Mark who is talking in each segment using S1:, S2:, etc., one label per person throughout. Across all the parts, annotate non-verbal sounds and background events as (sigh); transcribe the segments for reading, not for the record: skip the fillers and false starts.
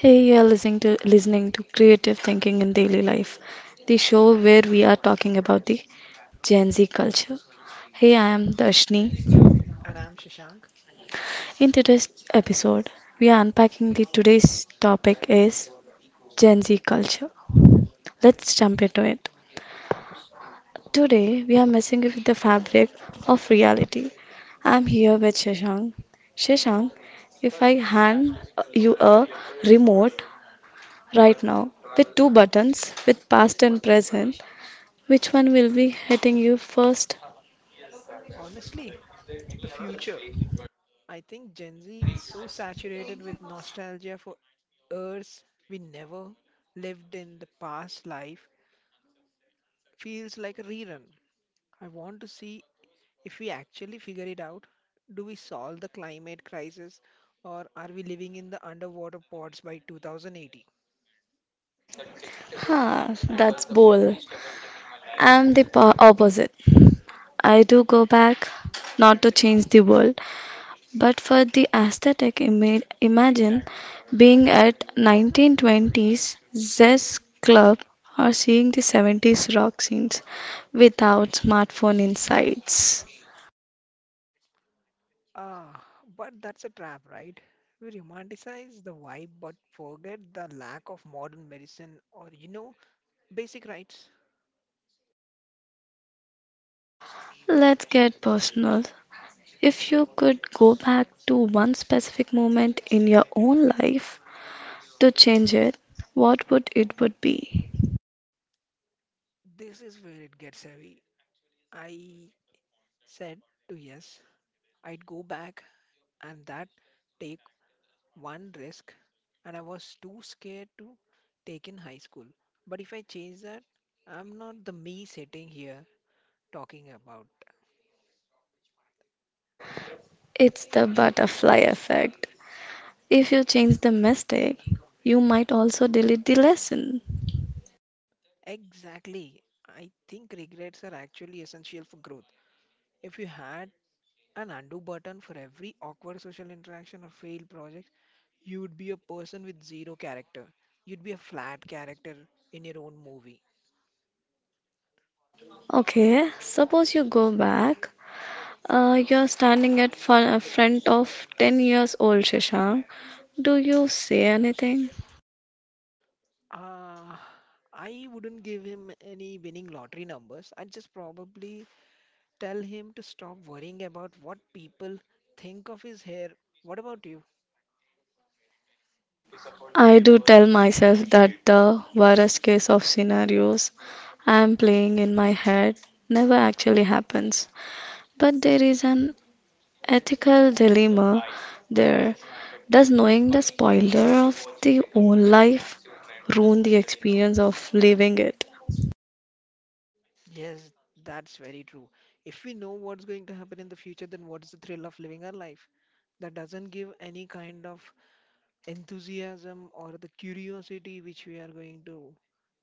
S1: Hey, you're listening to Creative Thinking in Daily Life, the show where we are talking about the Gen Z culture. Hey, I am Darshni.
S2: And I'm Shashank.
S1: In today's episode, we are unpacking the today's topic is Gen Z culture. Let's jump into it. Today, we are messing with the fabric of reality. I'm here with Shashank. Shashank, if I hand you a remote right now with two buttons, with past and present, which one will be hitting you first?
S2: Honestly, the future. I think Gen Z is so saturated with nostalgia for Earths we never lived in the past life. Feels like a rerun. I want to see if we actually figure it out. Do we solve the climate crisis, or are we living in the underwater pods by 2080?
S1: Ha, that's bold. I'm the opposite. I do go back, not to change the world, but for the aesthetic image. Imagine being at 1920s Zest Club or seeing the 70s rock scenes without smartphone insights.
S2: Ah, but that's a trap, right? We romanticize the vibe but forget the lack of modern medicine or basic rights.
S1: Let's get personal. If you could go back to one specific moment in your own life, to change it, what would it would be?
S2: This is where it gets heavy. I said to yes, I'd go back and that take one risk, and I was too scared to take in high school. But if I change that, I'm not the me sitting here talking about.
S1: It's the butterfly effect. If you change the mistake, you might also delete the lesson.
S2: Exactly. I think regrets are actually essential for growth. If you had an undo button for every awkward social interaction or failed project, you would be a person with zero character. You'd be a flat character in your own movie.
S1: Okay, suppose you go back. You're standing at front of 10 years old Shashank. Do you say anything?
S2: Uh, I wouldn't give him any winning lottery numbers. I'd just probably tell him to stop worrying about what people think of his hair. What about you?
S1: I do tell myself that the worst case of scenarios I am playing in my head never actually happens. But there is an ethical dilemma there. Does knowing the spoiler of the own life ruin the experience of living it?
S2: Yes, that's very true. If we know what's going to happen in the future, then what's the thrill of living our life? That doesn't give any kind of enthusiasm or the curiosity which we are going to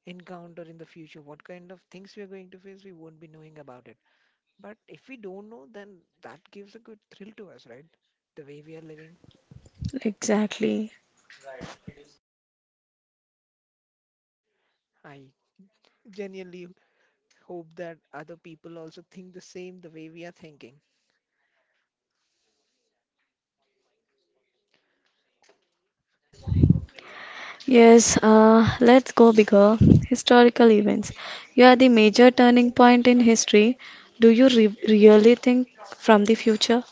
S2: encounter in the future. What kind of things we are going to face, we won't be knowing about it. But if we don't know, then that gives a good thrill to us, right? The way we are living.
S1: Exactly.
S2: I genuinely hope that other people also think the same the way we are thinking.
S1: Yes, let's go bigger. Historical events. You are the major turning point in history. Do you really think from the future?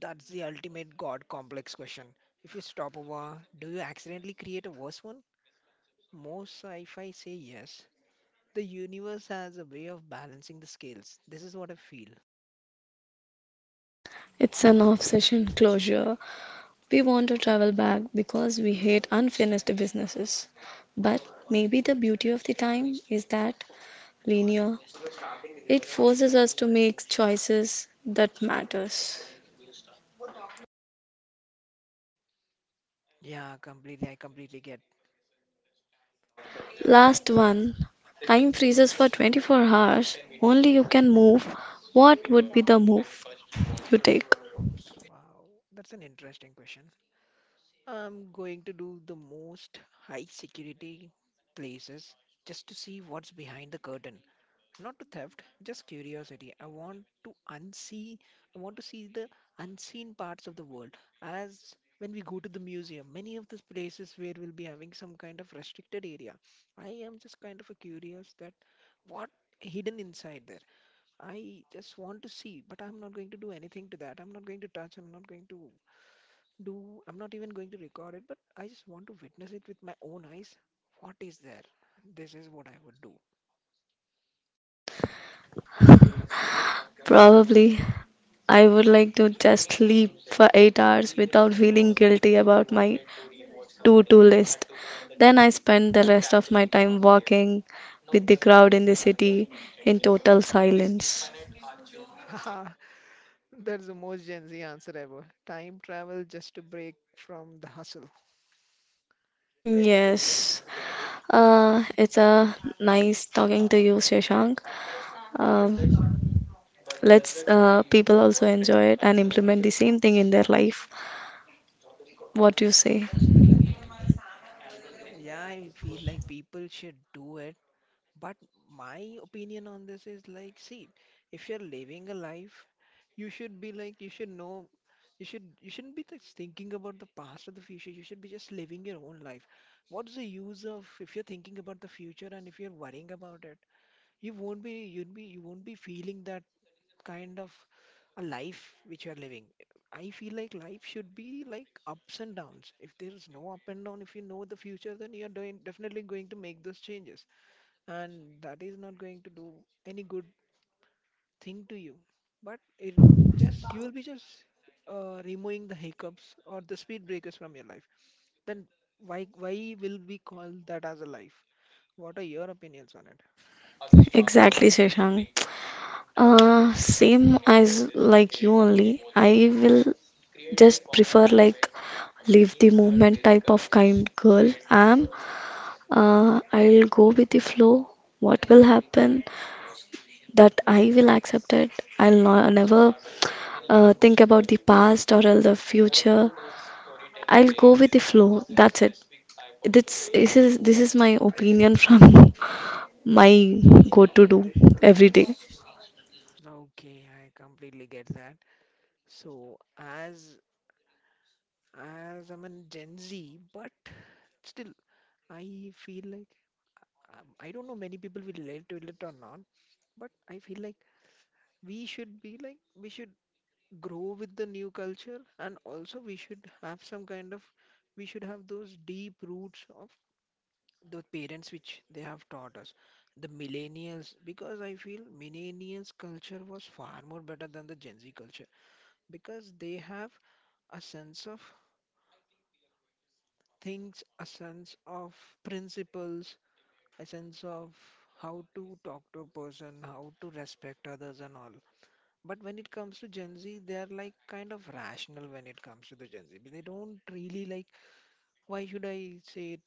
S2: That's the ultimate God complex question. If you stop over, do you accidentally create a worse one? Most sci fi say yes. The universe has a way of balancing the scales. This is what I feel.
S1: It's an obsession closure. We want to travel back because we hate unfinished businesses. But maybe the beauty of the time is that linear, it forces us to make choices that matters.
S2: Yeah, completely. I completely get.
S1: Last one, time freezes for 24 hours. Only you can move. What would be the move you take?
S2: Wow, that's an interesting question. I'm going to do the most high security places just to see what's behind the curtain. Not to theft, just curiosity. I want to unsee, I want to see the unseen parts of the world. As when we go to the museum, many of these places where we'll be having some kind of restricted area. I am just kind of a curious that what hidden inside there. I just want to see, but I'm not going to do anything to that. I'm not going to touch, I'm not even going to record it, but I just want to witness it with my own eyes. What is there? This is what I would do.
S1: Probably I would like to just sleep for 8 hours without feeling guilty about my to-do list. Then I spend the rest of my time walking with the crowd in the city in total silence.
S2: (laughs) Haha, that's the most Gen Z answer ever. Time travel just to break from the hustle.
S1: Yes. It's a nice talking to you, Shashank. Um, let's people also enjoy it and implement the same thing in their life. What you say?
S2: Yeah, I feel like people should do it. But my opinion on this is like, see, if you're living a life, you should be like, you should know, you shouldn't be just thinking about the past or the future. You should be just living your own life. What's the use of if you're thinking about the future and if you're worrying about it, you won't be feeling that kind of a life which you're living. I feel like life should be like ups and downs. If there is no up and down, if you know the future, then definitely going to make those changes, and that is not going to do any good thing to you, but it just you will be just removing the hiccups or the speed breakers from your life. Then why will we call that as a life? What are your opinions on it?
S1: Exactly, Shashank. Same as like you only. I will just prefer like leave the movement type of kind girl. I'm. I'll go with the flow. What will happen, that I will accept it. I'll not, never think about the past or else the future. I'll go with the flow. That's it. This is my opinion from (laughs) my go to do every day.
S2: Okay, I completely get that. So, as I'm a Gen Z, but still, I feel like I don't know many people will relate to it or not, but I feel like we should grow with the new culture, and also we should have those deep roots of the parents which they have taught us, the millennials, because I feel millennials culture was far more better than the Gen Z culture, because they have a sense of things, a sense of principles, a sense of how to talk to a person, how to respect others and all. But when it comes to Gen Z, they are like kind of rational when it comes to the Gen Z. They don't really like, why should I say it?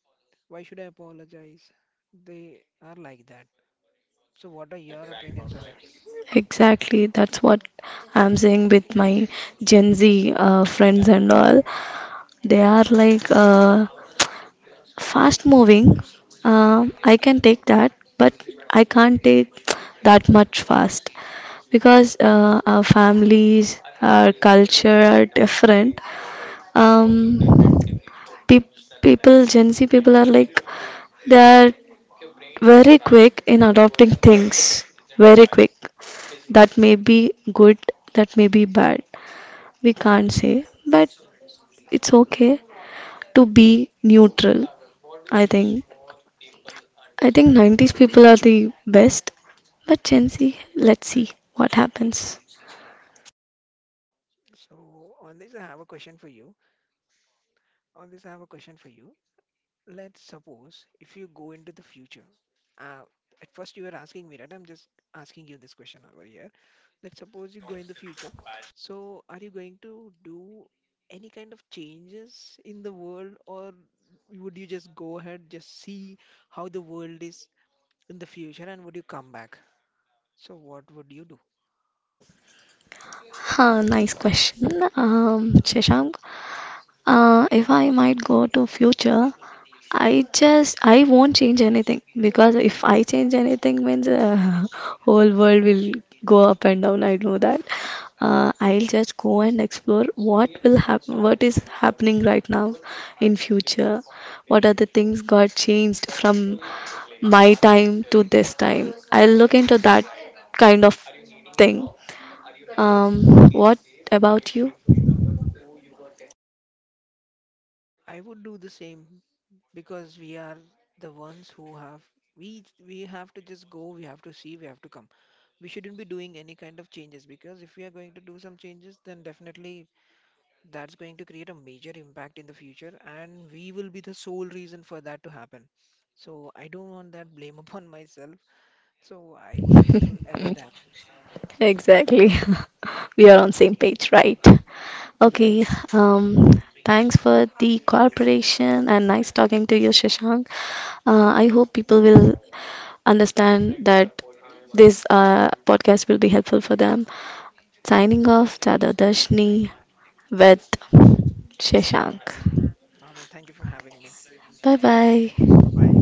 S2: Why should I apologize? They are like that. So, what are your opinions on it?
S1: Exactly, that's what I'm saying with my Gen Z friends and all. They are like fast moving, I can take that, but I can't take that much fast because our families, our culture are different. Um, pe- People, Gen Z people are like, they are very quick in adopting things, very quick. That may be good, that may be bad, we can't say, but it's okay to be neutral, I think. I think 90s people are the best, but Gen Z, let's see what happens.
S2: So, on this, I have a question for you. On this, I have a question for you. Let's suppose if you go into the future, uh, at first you were asking me, right? I'm just asking you this question over here. Let's suppose you go in the future. So, are you going to do any kind of changes in the world, or would you just go ahead, just see how the world is in the future, and would you come back? So, what would you do?
S1: Huh, nice question, Shashank. If I might go to future, I won't change anything, because if I change anything means, (laughs) whole world will go up and down. I know that. I'll just go and explore what will happen, what is happening right now in future. What are the things got changed from my time to this time. I'll look into that kind of thing. What about you?
S2: I would do the same because we are the ones who have we have to just go, we have to see, we have to come. We shouldn't be doing any kind of changes because if we are going to do some changes, then definitely that's going to create a major impact in the future, and we will be the sole reason for that to happen. So, I don't want that blame (laughs) upon myself. So, I wouldn't do
S1: (laughs)
S2: ever that.
S1: Exactly. We are on same page, right?
S2: Yeah.
S1: Okay. Um, Thanks for the cooperation and nice talking to you, Shashank. I hope people will understand that this podcast will be helpful for them. Signing off, Chada Dashni with Shashank.
S2: All right, thank you for having me.
S1: Bye bye.
S2: Bye bye.